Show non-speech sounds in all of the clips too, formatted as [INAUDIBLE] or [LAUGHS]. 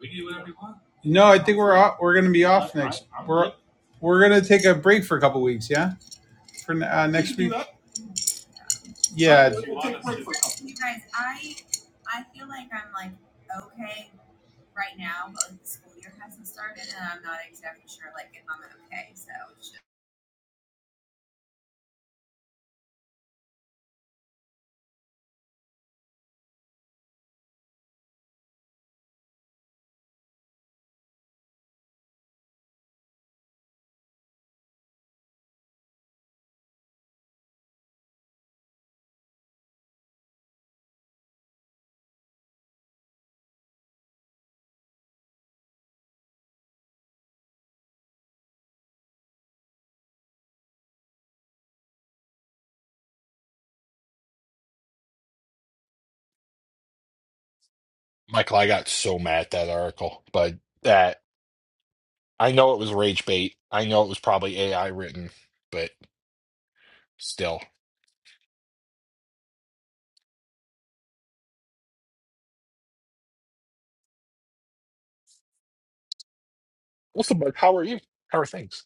We can do whatever you want. No, I think we're off, we're going to be off I'm, next. I'm We're good. we're going to take a break for a couple weeks. Yeah, for uh, next week. Yeah. Michael, I got so mad at that article, but that I know it was rage bait. I know it was probably AI written, but still. What's up, bud, how are you? How are things?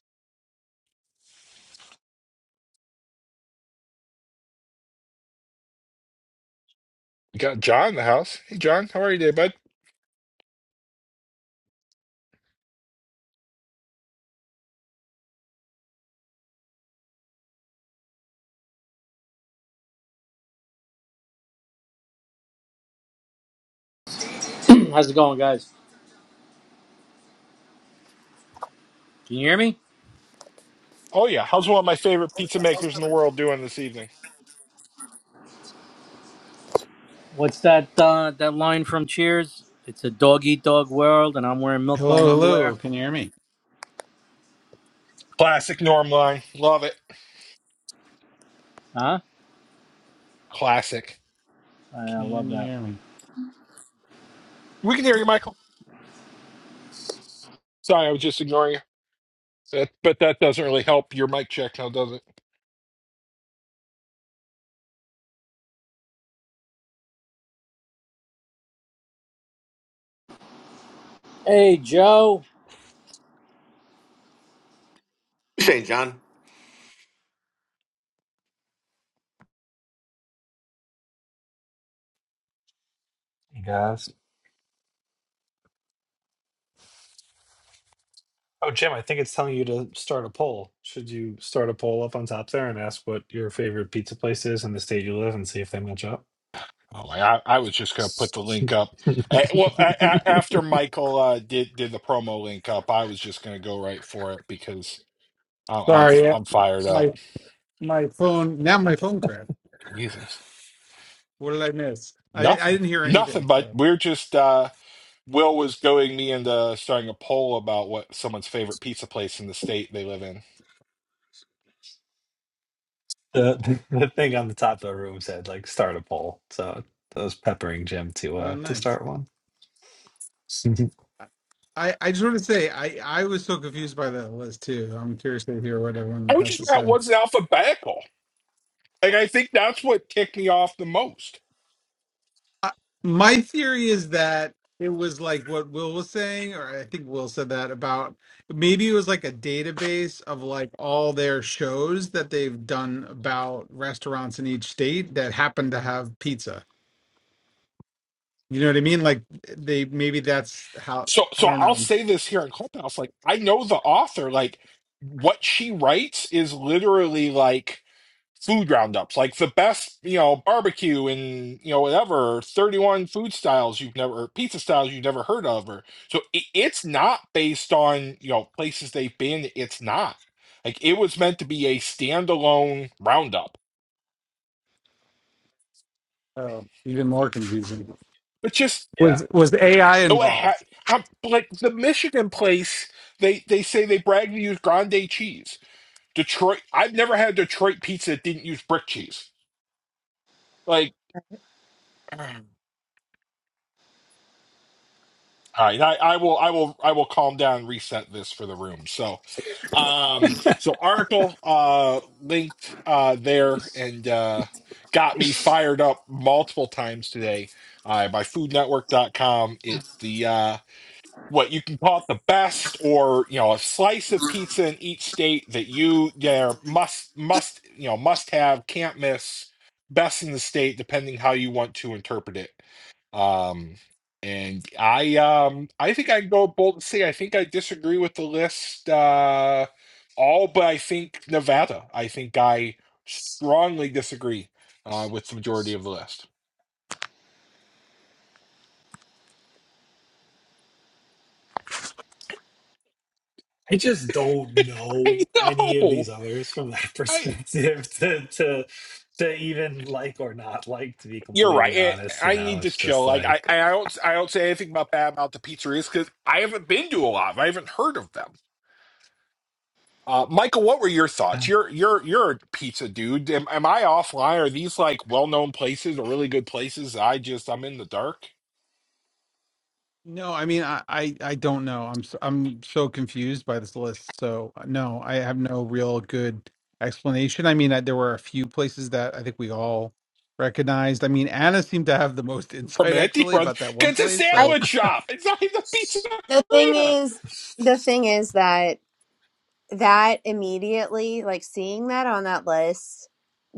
We got John in the house. Hey, John, how are you today, bud? How's it going, guys? Can you hear me? Oh, yeah. How's one of my favorite pizza makers in the world doing this evening? What's that uh, that line from Cheers? It's a dog eat dog world, and I'm wearing milk-bone Hello, underwear. hello. Can you hear me? Classic norm line. Love it. Huh? Classic. I, I love Can you that. hear me? We can hear you, Michael. Sorry, I was just ignoring you. That, but that doesn't really help your mic check now, does it? Hey, Joe. Shane John. Hey guys. Oh, Jim, I think it's telling you to start a poll. Should you start a poll up on top there and ask what your favorite pizza place is in the state you live and see if they match up? Oh my! I, I was just gonna put the link up. [LAUGHS] the, Uh, well, a, a, after Michael uh, did did the promo link up, I was just gonna go right for it because I'm I'm, Sorry, uh, I'm fired up. my my phone. Now my phone crashed. Jesus, What did I miss? I I nothing, didn't hear nothing. anything. But So we're just uh, Will was going me into starting a poll about what someone's favorite pizza place in the state they live in. the thing on the top of the room said like start a poll, so I was peppering Jim to oh, uh to nice. start one. [LAUGHS] I, I just want to say I, I was so confused by that list too. I'm curious to hear what I everyone was has just to about say. what's alphabetical. Like I think that's what ticked me off the most. I- my theory is that it was like what Will was saying, or I think Will said that about maybe it was like a database of like all their shows that they've done about restaurants in each state that happen to have pizza. You know what I mean? Like they maybe that's how So I so don't I'll know. say this here in Clubhouse, like I know the author, like what she writes is literally like food roundups, like the best, you know, barbecue and you know whatever, thirty-one food styles you've never, or pizza styles you've never heard of, or so it, it's not based on you know places they've been. It's not like it was meant to be a standalone roundup, Oh, even more confusing. but just yeah, Was was AI oh, it involved? ha- I'm, like the Michigan place, they they say they brag to use grande cheese. Detroit, I've never had Detroit pizza that didn't use brick cheese. Like. All right, I, I will, I will, I will calm down and reset this for the room. So, um, so article uh linked uh there and uh got me fired up multiple times today uh, by FoodNetwork.com. It the uh what you can call it the best or you know a slice of pizza in each state that you there must must you know must have can't miss best in the state depending how you want to interpret it um and i um i think i can go bold and say i think i disagree with the list uh all but i think nevada i think i strongly disagree uh with the majority of the list I just don't [LAUGHS] i know any of know these others from that [LAUGHS] I. perspective to to to even like or not like. To be You're right. completely It, honest, you I know, need to it's chill. just Like I, like. I don't, I don't say anything about bad about the pizzerias because I haven't been to a lot. I haven't heard of them. Uh, Michael, what were your yeah. thoughts? You're, you're, you're a pizza dude. Am, am I offline? Are these like well-known places or really good places? I just, I'm in the dark. No, I mean, I, I, I don't know. I'm so, I'm so confused by this list. So uh, no, I have no real good explanation. I mean, I, there were a few places that I think we all recognized. I mean, Anna seemed to have the most [LAUGHS] insight Romanti actually Brothers, about that 'cause one it's a place. I So sandwich shop. It's not even a the thing pizzeria. is the thing is that that immediately, like seeing that on that list,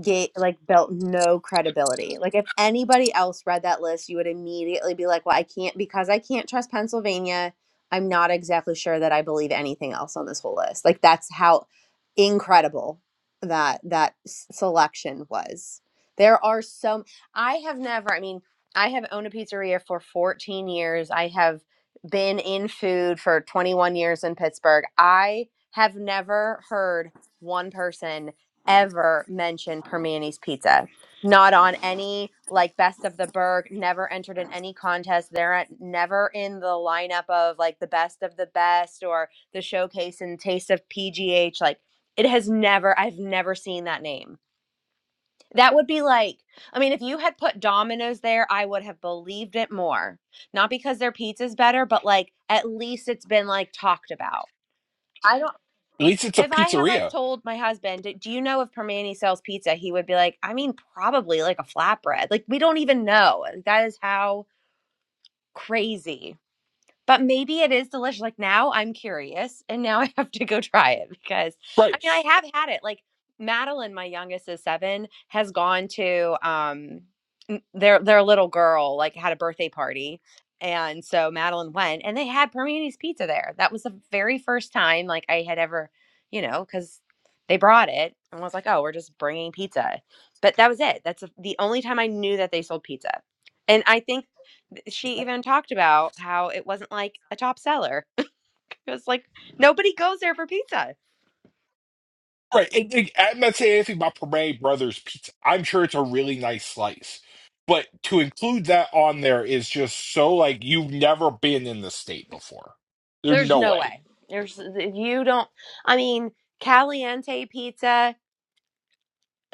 gate like built no credibility. Like if anybody else read that list, you would immediately be like, "Well, I can't because I can't trust Pennsylvania. I'm not exactly sure that I believe anything else on this whole list." Like that's how incredible that that s- selection was. There are so I have never, I mean, I have owned a pizzeria for 14 years. I have been in food for 21 years in Pittsburgh. I have never heard one person ever mention Permani's Pizza. Not on any like best of the Berg, never entered in any contest. They're at, never in the lineup of like the best of the best or the showcase and taste of PGH. Like it has never, I've never seen that name. That would be like, I mean, if you had put Domino's there, I would have believed it more. Not because their pizza's better, but like at least it's been like talked about. I don't At least it's a if I had like pizzeria, told my husband, "Do you know if Permane sells pizza?" He would be like, "I mean, probably like a flatbread. Like we don't even know." That is how crazy but maybe it is delicious. Like now I'm curious and now [LAUGHS] I have to go try it because I mean, right? I have had it. Like Madeline, my youngest is seven, has gone to um n- their their little girl like had a birthday party. And so Madeline went and they had Permini's pizza there. That was the very first time like I had ever, you know, because they brought it and I was like, oh, we're just bringing pizza. But that was it. That's the only time I knew that they sold pizza. And I think she even talked about how it wasn't like a top seller. [LAUGHS] It was like nobody goes there for pizza. Right. And, and I'm not saying anything about Parade Brothers pizza. I'm sure it's a really nice slice. But to include that on there is just so like you've never been in the state before. There's There's no no way. way. There's you don't. I mean, Caliente Pizza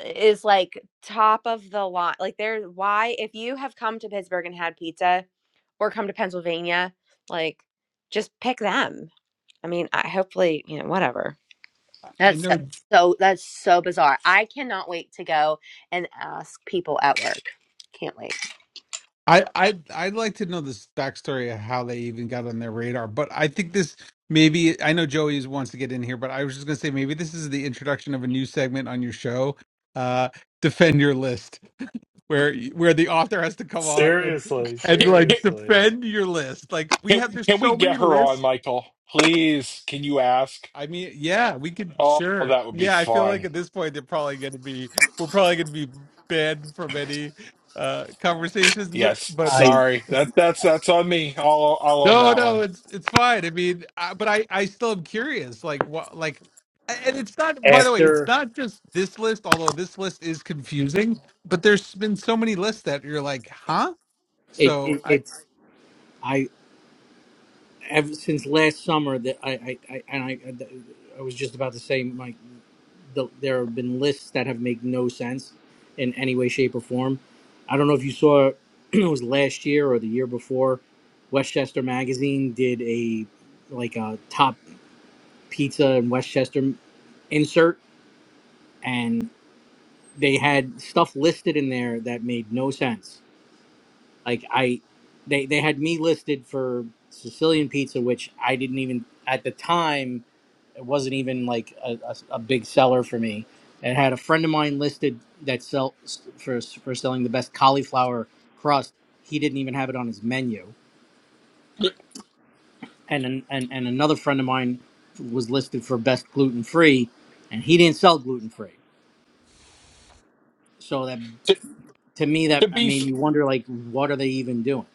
is like top of the line. Like there, why if you have come to Pittsburgh and had pizza, or come to Pennsylvania, like just pick them. I mean, I hopefully you know whatever. I I That's so know so- that's so bizarre. I cannot wait to go and ask people at work. Can't wait. I I I'd like to know this backstory of how they even got on their radar. But I think this maybe I know Joey wants to get in here, but I was just gonna say maybe this is the introduction of a new segment on your show. Uh, defend your list where where the author has to come on and Seriously, and Can, can, like seriously. defend your list. Like we have can there's can we so get many her on, lists. Michael? Please, can you ask? I mean, yeah, we could Oh, sure. that would be Yeah, I feel like fun. at this point they're probably going to be we're probably going to be banned from any uh conversations. But, Yes. but I Sorry. That that's that's on me. I'll I'll own no, that no, one. it's it's fine. I mean, I, but I I still am curious. Like what like. And it's not. By the way, it's after not just this list. Although this list is confusing, but there's been so many lists that you're like, huh? it, So it I, it's I ever since last summer that I I I, and I I was just about to say my the, there have been lists that have made no sense in any way, shape, or form. I don't know if you saw [CLEARS THROAT] it was last year or the year before. Westchester Magazine did a like a top pizza in Westchester insert, and they had stuff listed in there that made no sense. Like I, they they had me listed for Sicilian pizza, which I didn't even at the time It wasn't even like a, a, a big seller for me. It had a friend of mine listed that sell for for selling the best cauliflower crust. He didn't even have it on his menu. And an, and and another friend of mine was listed for best gluten free, and he didn't sell gluten free. So that To, to me to that be made me wonder like what are they even doing?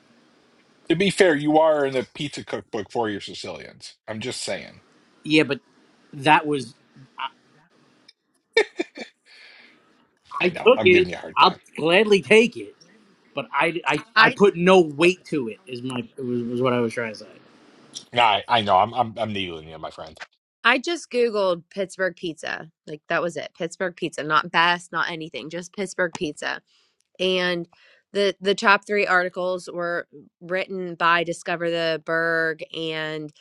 to be fair, you are in the pizza cookbook for your Sicilians. I'm just saying. Yeah, but that was I, I I know. took I'm it. giving you a hard I'll time. gladly take it, but I, I I I. put no weight to it. Is my was, was what I was trying to say. Yeah, I I know. I'm I'm I'm needling you, my friend. I just Googled Pittsburgh pizza. Like that was it. Pittsburgh pizza, not best, not anything, just Pittsburgh pizza. And the the top three articles were written by Discover the Berg and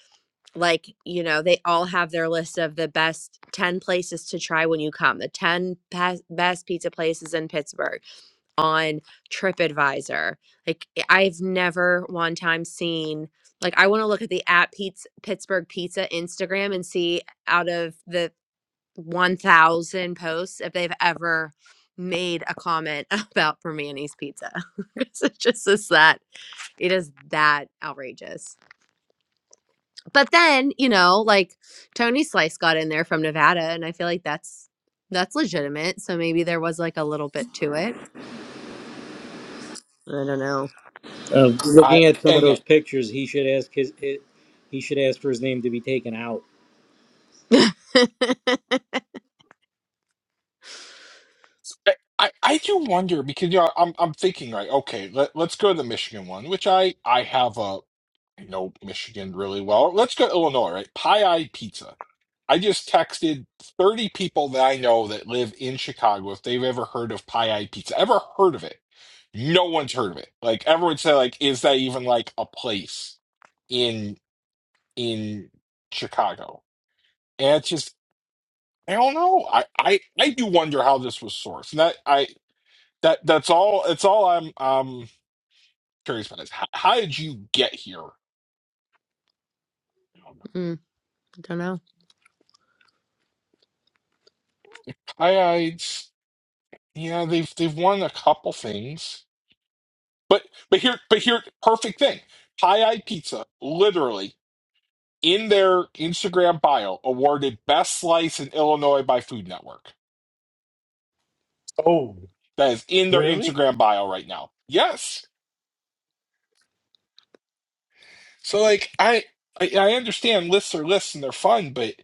like, you know, they all have their list of the best 10 places to try when you come, the 10 best, pizza places in Pittsburgh on TripAdvisor. Like eh, I've never one time seen like I want to look at the at Pete's Pittsburgh Pizza Instagram and see out of the 1000 posts if they've ever made a comment [LAUGHS] about Permani's pizza. [LAUGHS] It's just is that it is that outrageous. But then, you know, like Tony Slice got in there from Nevada and I feel like that's that's legitimate. So maybe there was like a little bit to it. I don't Uh, I looking at some of and yeah, those pictures, he should ask his it, he should ask for his name to be taken out. know. I, I I do wonder because you know I'm I'm thinking like okay let let's go to the Michigan one which I I have a I know Michigan really well let's go to Illinois right Pie Eye Pizza I just texted 30 people that I know that live in Chicago if they've ever heard of Pie Eye Pizza ever heard of it no one's heard of it like everyone said like is that even like a place in in Chicago and it's just I don't know I I I do wonder how this was sourced and that I that that's all. It's all I'm um curious about is how, how did you get here? [LAUGHS] Don't know. High Eyes, yeah, they've they've won a couple things, but but here but here perfect thing. High Eye Pizza literally in their Instagram bio awarded best slice in Illinois by Food Network. Oh, That is in their really? Instagram bio right now. Yes. So like I I, I understand lists are lists and they're fun, but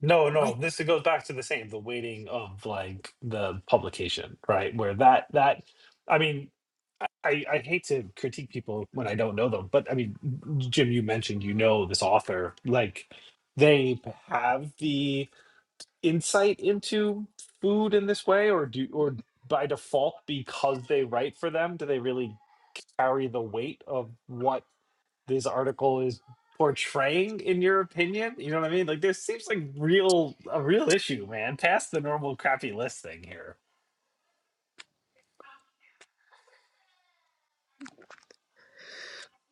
No, no, my this goes back to the same, the waiting of like the publication, right? Where that that I mean, I, I I hate to critique people when I don't know them, but I mean, Jim, you mentioned you know this author. Like they have the insight into food in this way, or do or by default, because they write for them, do they really carry the weight of what? this article is portraying in your opinion you know what i mean like there seems like real a real issue man past the normal crappy list thing here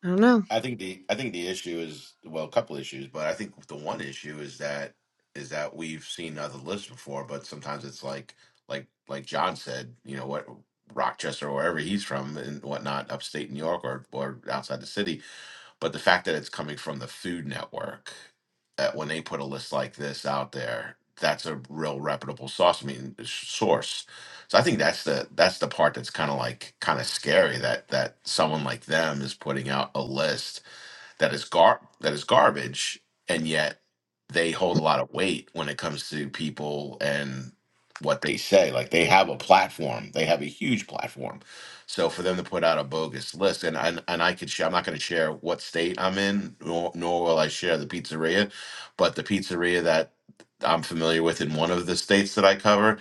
I don't know. I think the I think the issue is well, a couple issues, but I think the one issue is that is that we've seen other lists before, but sometimes it's like like like John said, you know what Rochester or wherever he's from and whatnot, upstate New York or or outside the city, But the fact that it's coming from the Food Network, uh, when they put a list like this out there, that's a real reputable source. I mean s- source. So I think that's the that's the part that's kind of like kind of scary that that someone like them is putting out a list that is gar that is garbage, and yet they hold a lot of weight when it comes to people and what they say. Like they have a platform, they have a huge platform. So for them to put out a bogus list, and and, and I could share, I'm not going to share what state I'm in, nor, nor will I share the pizzeria, but the pizzeria that I'm familiar with in one of the states that I cover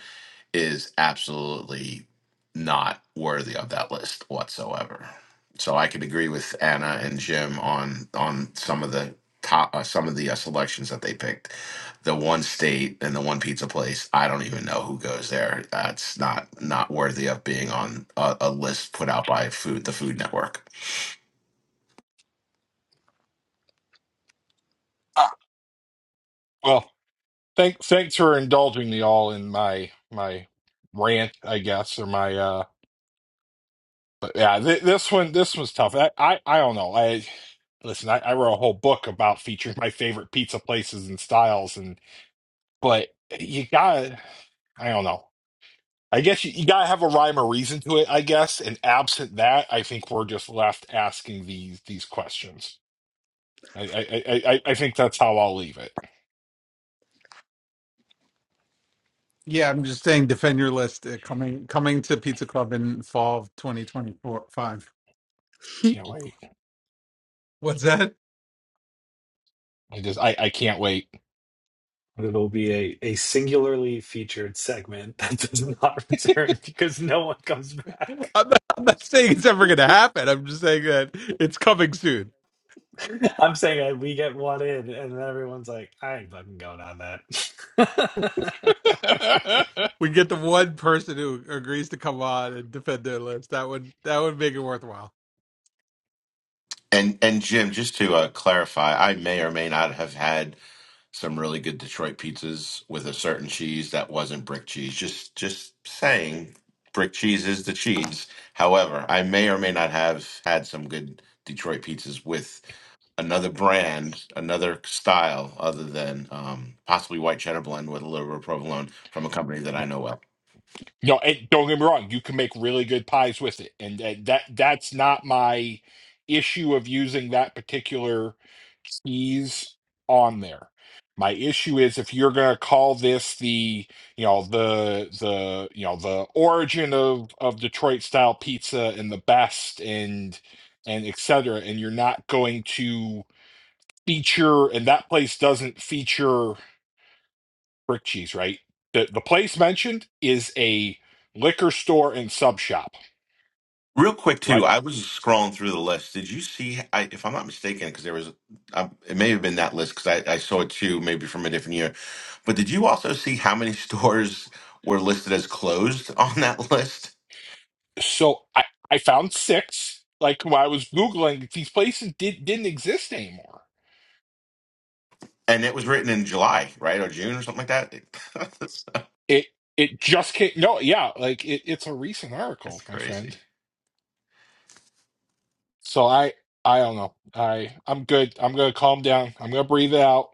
is absolutely not worthy of that list whatsoever. So I could agree with Anna and Jim on on some of the top, uh, some of the uh, selections that they picked. The one state and the one pizza place. I don't even know who goes there. That's not not worthy of being on a, a list put out by food the Food Network. God. Thank, thanks for indulging me all in my my rant, I guess, or my uh. But yeah, th- this one this was tough. I, I I don't know. I listen. I, I wrote a whole book about featuring my favorite pizza places and styles, and but you gotta. I don't know. I guess you, you gotta have a rhyme or reason to it. I guess, and absent that, I think we're just left asking these these questions. I I I, I I think that's how I'll leave it. Yeah, I'm just saying, defend your list uh, coming coming to Pizza Club in fall of 2024 five. [LAUGHS] Can't wait. What's that? I just I I can't wait. it'll be a, a singularly featured segment [LAUGHS] that does not [LAUGHS] return because no one comes back [LAUGHS] I'm not, I'm not saying it's ever going to happen. I'm just saying that it's coming soon. i'm saying that we get one in and then everyone's like i ain't fucking going on that [LAUGHS] We get the one person who agrees to come on and defend their list. That would that would make it worthwhile. And and Jim, just to uh, clarify, I may or may not have had some really good Detroit pizzas with a certain cheese that wasn't brick cheese. Just just saying brick cheese is the cheese. However, I may or may not have had some good Detroit pizzas with another brand, another style other than um, possibly white cheddar blend with a little bit of provolone from a company [LAUGHS] that I know well. You know, and don't get me wrong, you can make really good pies with it, and that, that that's not my issue of using that particular cheese on there. My issue is if you're going to call this the, you know, the the, you know, the origin of of Detroit style pizza and the best and and et cetera, and you're not going to feature, and that place doesn't feature. Brick Cheese, right? The the place mentioned is a liquor store and sub shop, Real quick too, right? I was scrolling through the list. Did you see? I, if I'm not mistaken, because there was, I, it may have been that list because I, I saw it too, maybe from a different year. But did you also see how many [LAUGHS] stores were listed as closed [LAUGHS] on that list? So I I found six. Like when I was googling, these places did didn't exist anymore. And it was written in July, right, or June, or something like that. [LAUGHS] that's, It it just came. No, yeah, like it, it's a recent that's article, my crazy. friend. So I I don't know. I I'm good. I'm gonna calm down. I'm gonna breathe it out.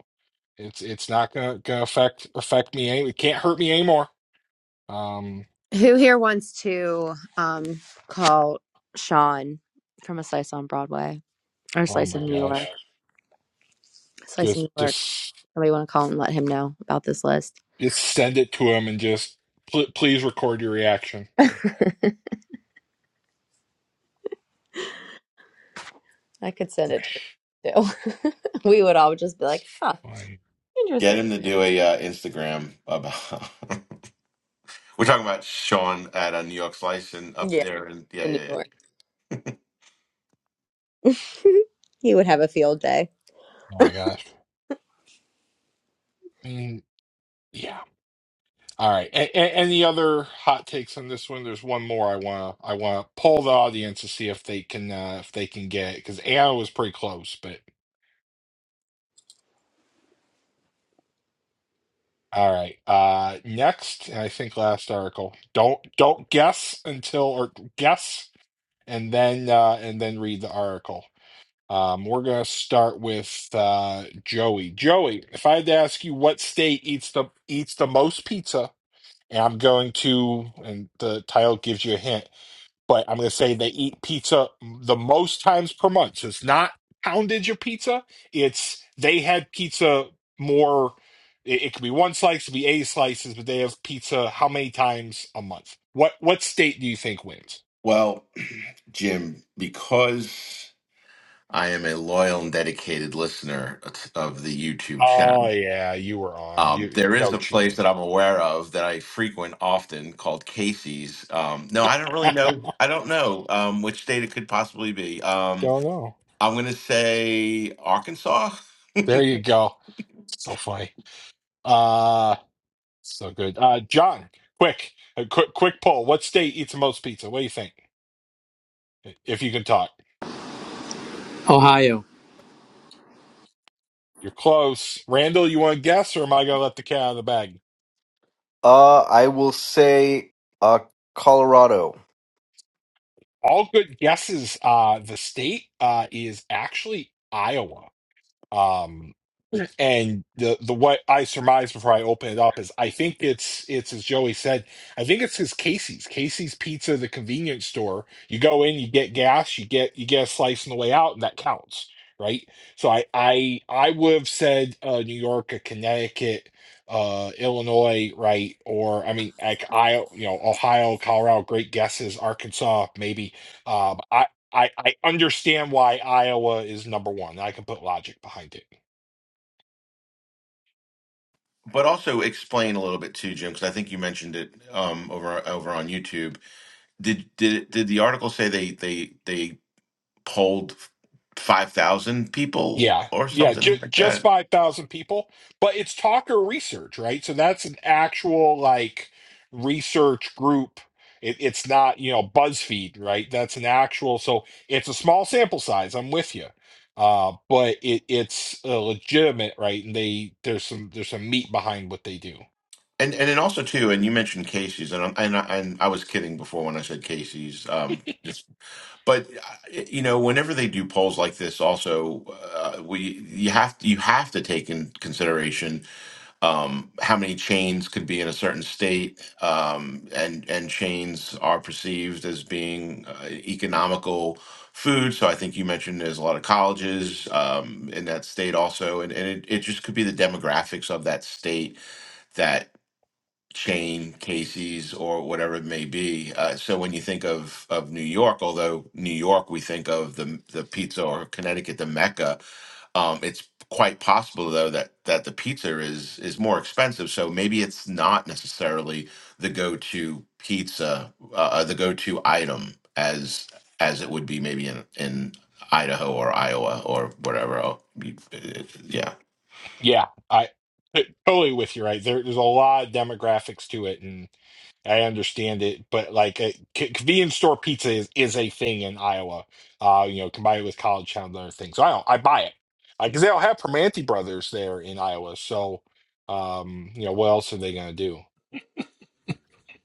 It's it's not gonna gonna affect affect me any. It can't hurt me anymore. Um. Who here wants to um call Sean from a slice on Broadway or Oh slice my in New York? gosh. Slice in Just New York. just. Somebody want to call and let him know about this list? Just send it to him and just pl- please record your reaction. [LAUGHS] I could send it to her too. [LAUGHS] we would all just be It's like, huh, fine. Get interesting. him to do a uh, Instagram about. [LAUGHS] We're talking about Sean at a New York Slice and up Yeah, there, and yeah, in New yeah, yeah. York. [LAUGHS] he would have a field day. Oh my gosh. I mean, yeah. All right. A- a- any other hot takes on this one? There's one more I want to I want to poll the audience to see if they can uh, if they can get it because Anna was pretty close, but all right. Uh, next, and I think last article. Don't don't guess until or guess and then uh, and then read the article. Um, we're going to start with uh, Joey. Joey, if I had to ask you what state eats the eats the most pizza, and I'm going to, and the title gives you a hint, but I'm going to say they eat pizza the most times per month. So it's not poundage of pizza; it's they had pizza more. It, it could be one slice, it could be eight slices, but they have pizza how many times a month? What what state do you think wins? Well, [CLEARS THROAT] Jim, because I am a loyal and dedicated listener of the YouTube Oh channel. yeah, you were on. Um, You there is no a place cheating. that I'm aware of that I frequent often called Casey's. Um, no, I don't [LAUGHS] really Don't know. I don't know um, which state it could possibly be. Um, know. I'm going to say Arkansas. There you [LAUGHS] go. So funny. Uh so good. Uh John, quick, a quick quick poll. What state eats the most pizza? What do you think? If you can talk. Ohio, You're close. Randall, you want to guess or am I gonna let the cat out of the bag? Uh, I will say uh, Colorado. All good guesses. Uh the state uh is actually Iowa. Um, and the the what I surmise before I open it up is I think it's it's as Joey said, I think it's his Casey's Casey's Pizza, the convenience store. You go in, you get gas, you get you get a slice on the way out, and that counts, right? So I I I would have said uh, New York, or Connecticut, uh, Illinois, right? Or I mean, like I you know Ohio, Colorado, great guesses, Arkansas, maybe. Um, I I I understand why Iowa is number one. I can put logic behind it. but also explain a little bit too, Jim, because I think you mentioned it um, over over on YouTube. Did did did the article say they they they polled five thousand people Yeah, or yeah, ju- something like just that? five thousand people, but it's talker research, right? So that's an actual like research group. It, it's not you know BuzzFeed, right? That's an actual. So it's a small sample size. I'm with you, uh, but it it's uh, legitimate, right? And they there's some there's some meat behind what they do. And and then also too, and you mentioned Casey's, and I'm- and I, and I was kidding before when I said Casey's. Um, just but uh, you know, whenever they do polls like this, also uh, we you have to you have to take in consideration um, how many chains could be in a certain state, um, and and chains are perceived as being uh, economical food. So I think you mentioned there's a lot of colleges um, in that state also, and, and it, it just could be the demographics of that state that chain Casey's or whatever it may be. Uh, so when you think of of New York, although New York we think of the the pizza or Connecticut the mecca, um, it's quite possible though that that the pizza is is more expensive, so maybe it's not necessarily the go-to pizza, uh, uh, the go-to item as as it would be maybe in in Idaho or Iowa or whatever. el- you- uh, Yeah. Yeah, I t- totally with you, right? There, there's a lot of demographics to it, and I understand it, but like a c- convenience store pizza is, is a thing in Iowa. Uh, you know, combined with college town and other things. So I don't, I buy it because they don't have Permanente brothers there in Iowa. So, um, you know, what else are they gonna do?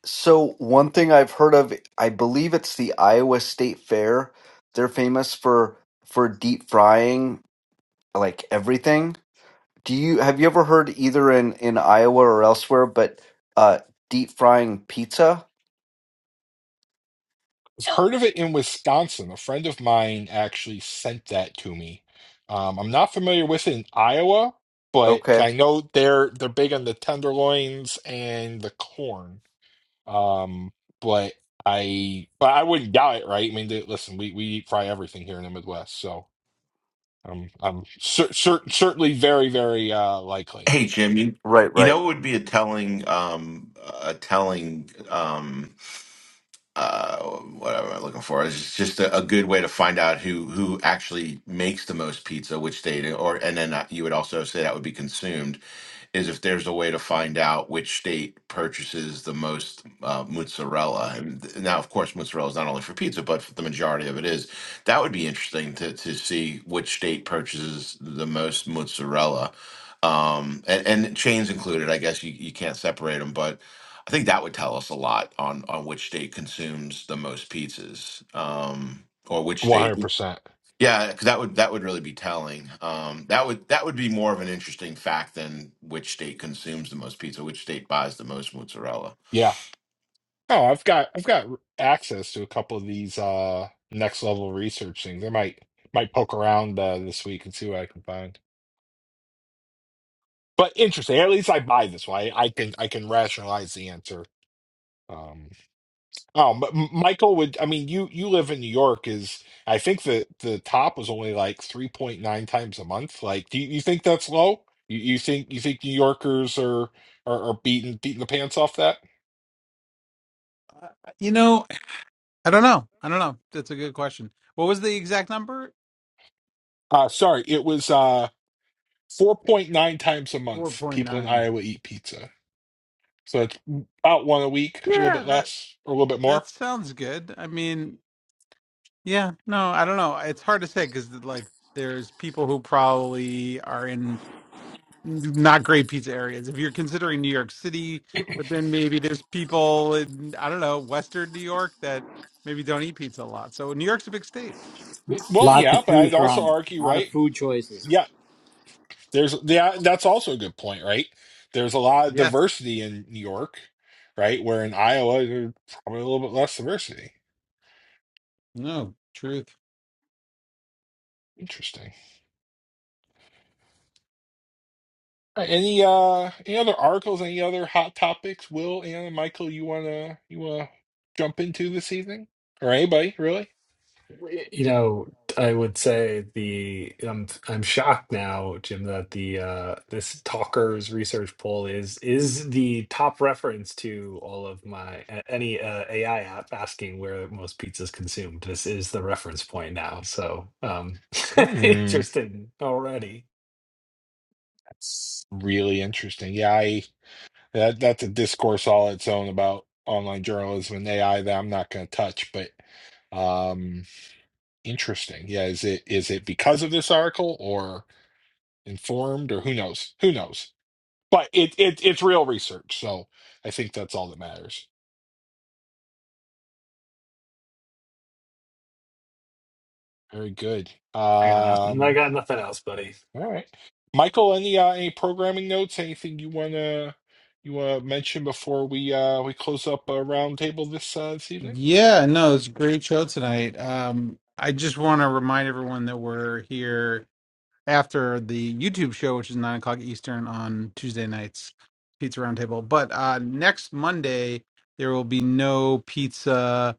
So one thing I've heard of, I believe it's the Iowa State Fair. They're famous for for deep frying like everything. Do you have you ever heard either in in Iowa or elsewhere, but uh, deep frying pizza? heard of it in Wisconsin. A friend of mine actually sent that to me. Um, I'm not familiar with it in Iowa, but Okay, I know they're they're big on the tenderloins and the corn. Um, but I but I wouldn't doubt it, right? I mean, they, listen, we we eat fry everything here in the Midwest, so I'm I'm cer cer certainly very very uh likely. Hey Jim, you right, you right. know what would be a telling um a telling um uh what am i looking for. It's just a, a good way to find out who who actually makes the most pizza, which state, or and then uh, you would also say that would be consumed is if there's a way to find out which state purchases the most uh, mozzarella. And th- now, of course, mozzarella is not only for pizza, but for the majority of it is. That would be interesting to, to see which state purchases the most mozzarella. Um, and, and chains included, I guess you, you can't separate them, but I think that would tell us a lot on, on which state consumes the most pizzas um, or which state. 100%. Yeah, 'cause that would that would really be telling. Um, that would that would be more of an interesting fact than which state consumes the most pizza, which state buys the most mozzarella. Yeah. Oh, I've got I've got access to a couple of these uh next level research things. I might might poke around uh, this week and see what I can find. But interesting. At least I buy this one. I, I can I can rationalize the answer. Um, oh, but M- Michael would. I mean, you you live in New York. Is I think the the top was only like three point nine times a month. Like, do you, you think that's low? You, you think you think New Yorkers are are, are beating beating the pants off that? Uh, You know, I don't know. I don't know. That's a good question. What was the exact number? Uh, sorry, it was. Uh, 4.9 times a month, people in 4.9. Iowa eat pizza. So it's about one a week, a little Yeah, bit that less or a little bit more. that sounds good. I mean, Yeah, no, I don't know. It's hard to say because like there's people who probably are in not great pizza areas. If you're considering New York City, but then maybe there's people in I don't know Western New York that maybe don't eat pizza a lot. So New York's a big state. Well, lot to yeah, but choose I'd also from, a argue, lot of right? food choices. Yeah, there's yeah, that's also a good point, right? There's a lot of Yes. diversity in New York, right? Where in Iowa there's probably a little bit less diversity. No. Truth. Interesting. All right, any uh any other articles, any other hot topics, Will, Anna, Michael, you wanna you wanna jump into this evening? Or anybody, really? You know, I would say the I'm I'm shocked now, Jim, that the uh this Talkers research poll is is the top reference to all of my a- any uh, AI app asking where most pizza is consumed. This is the reference point now. So, um [LAUGHS] Hmm. interesting already. Really interesting. Yeah, I that that's a discourse all its own about online journalism and AI that I'm not going to touch, but um interesting. Yeah, is it is it because of this article or informed or who knows? Who knows? But it it it's real research, so I think that's all that matters. Very good. I got nothing. I Um got nothing else, buddy. all right. Michael, any uh, any programming notes, anything you want to you want to mention before we uh we close up a roundtable this uh, this evening? Yeah. No. It's a great show tonight. Um, I just want to remind everyone that we're here after the YouTube show, which is nine o'clock Eastern on Tuesday nights, Pizza Roundtable. But uh, next Monday, there will be no pizza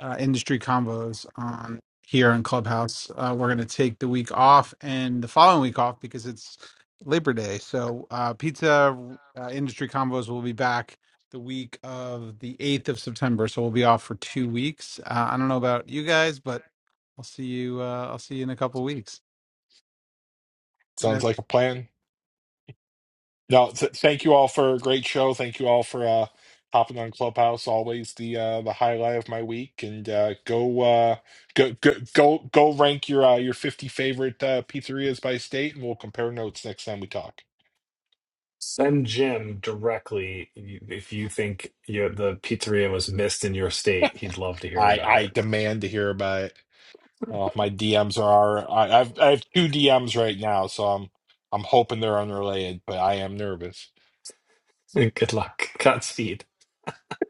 uh, industry combos on here on Clubhouse. Uh, we're going to take the week off and the following week off because it's Labor Day. So uh, pizza uh, industry combos will be back the week of the 8th of September. So we'll be off for two weeks. Uh, I don't know about you guys, but I'll see you. Uh, I'll see you in a couple weeks. That's Sounds like a plan. No, th- thank you all for a great show. Thank you all for uh hopping on Clubhouse. Always the uh the highlight of my week. And uh go uh go go go, go rank your uh, your 50 favorite uh pizzerias by state and we'll compare notes next time we talk. Send Jim directly if you think you, the pizzeria was missed in your state. He'd love to hear I about I it. demand to hear about it. Oh, my DMs are I, I've I have two DMs right now, so I'm I'm hoping they're unrelated, but I am nervous. [LAUGHS] Good luck. Godspeed.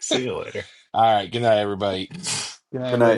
See you later. All right, good night everybody. Yeah, I Good night. read it.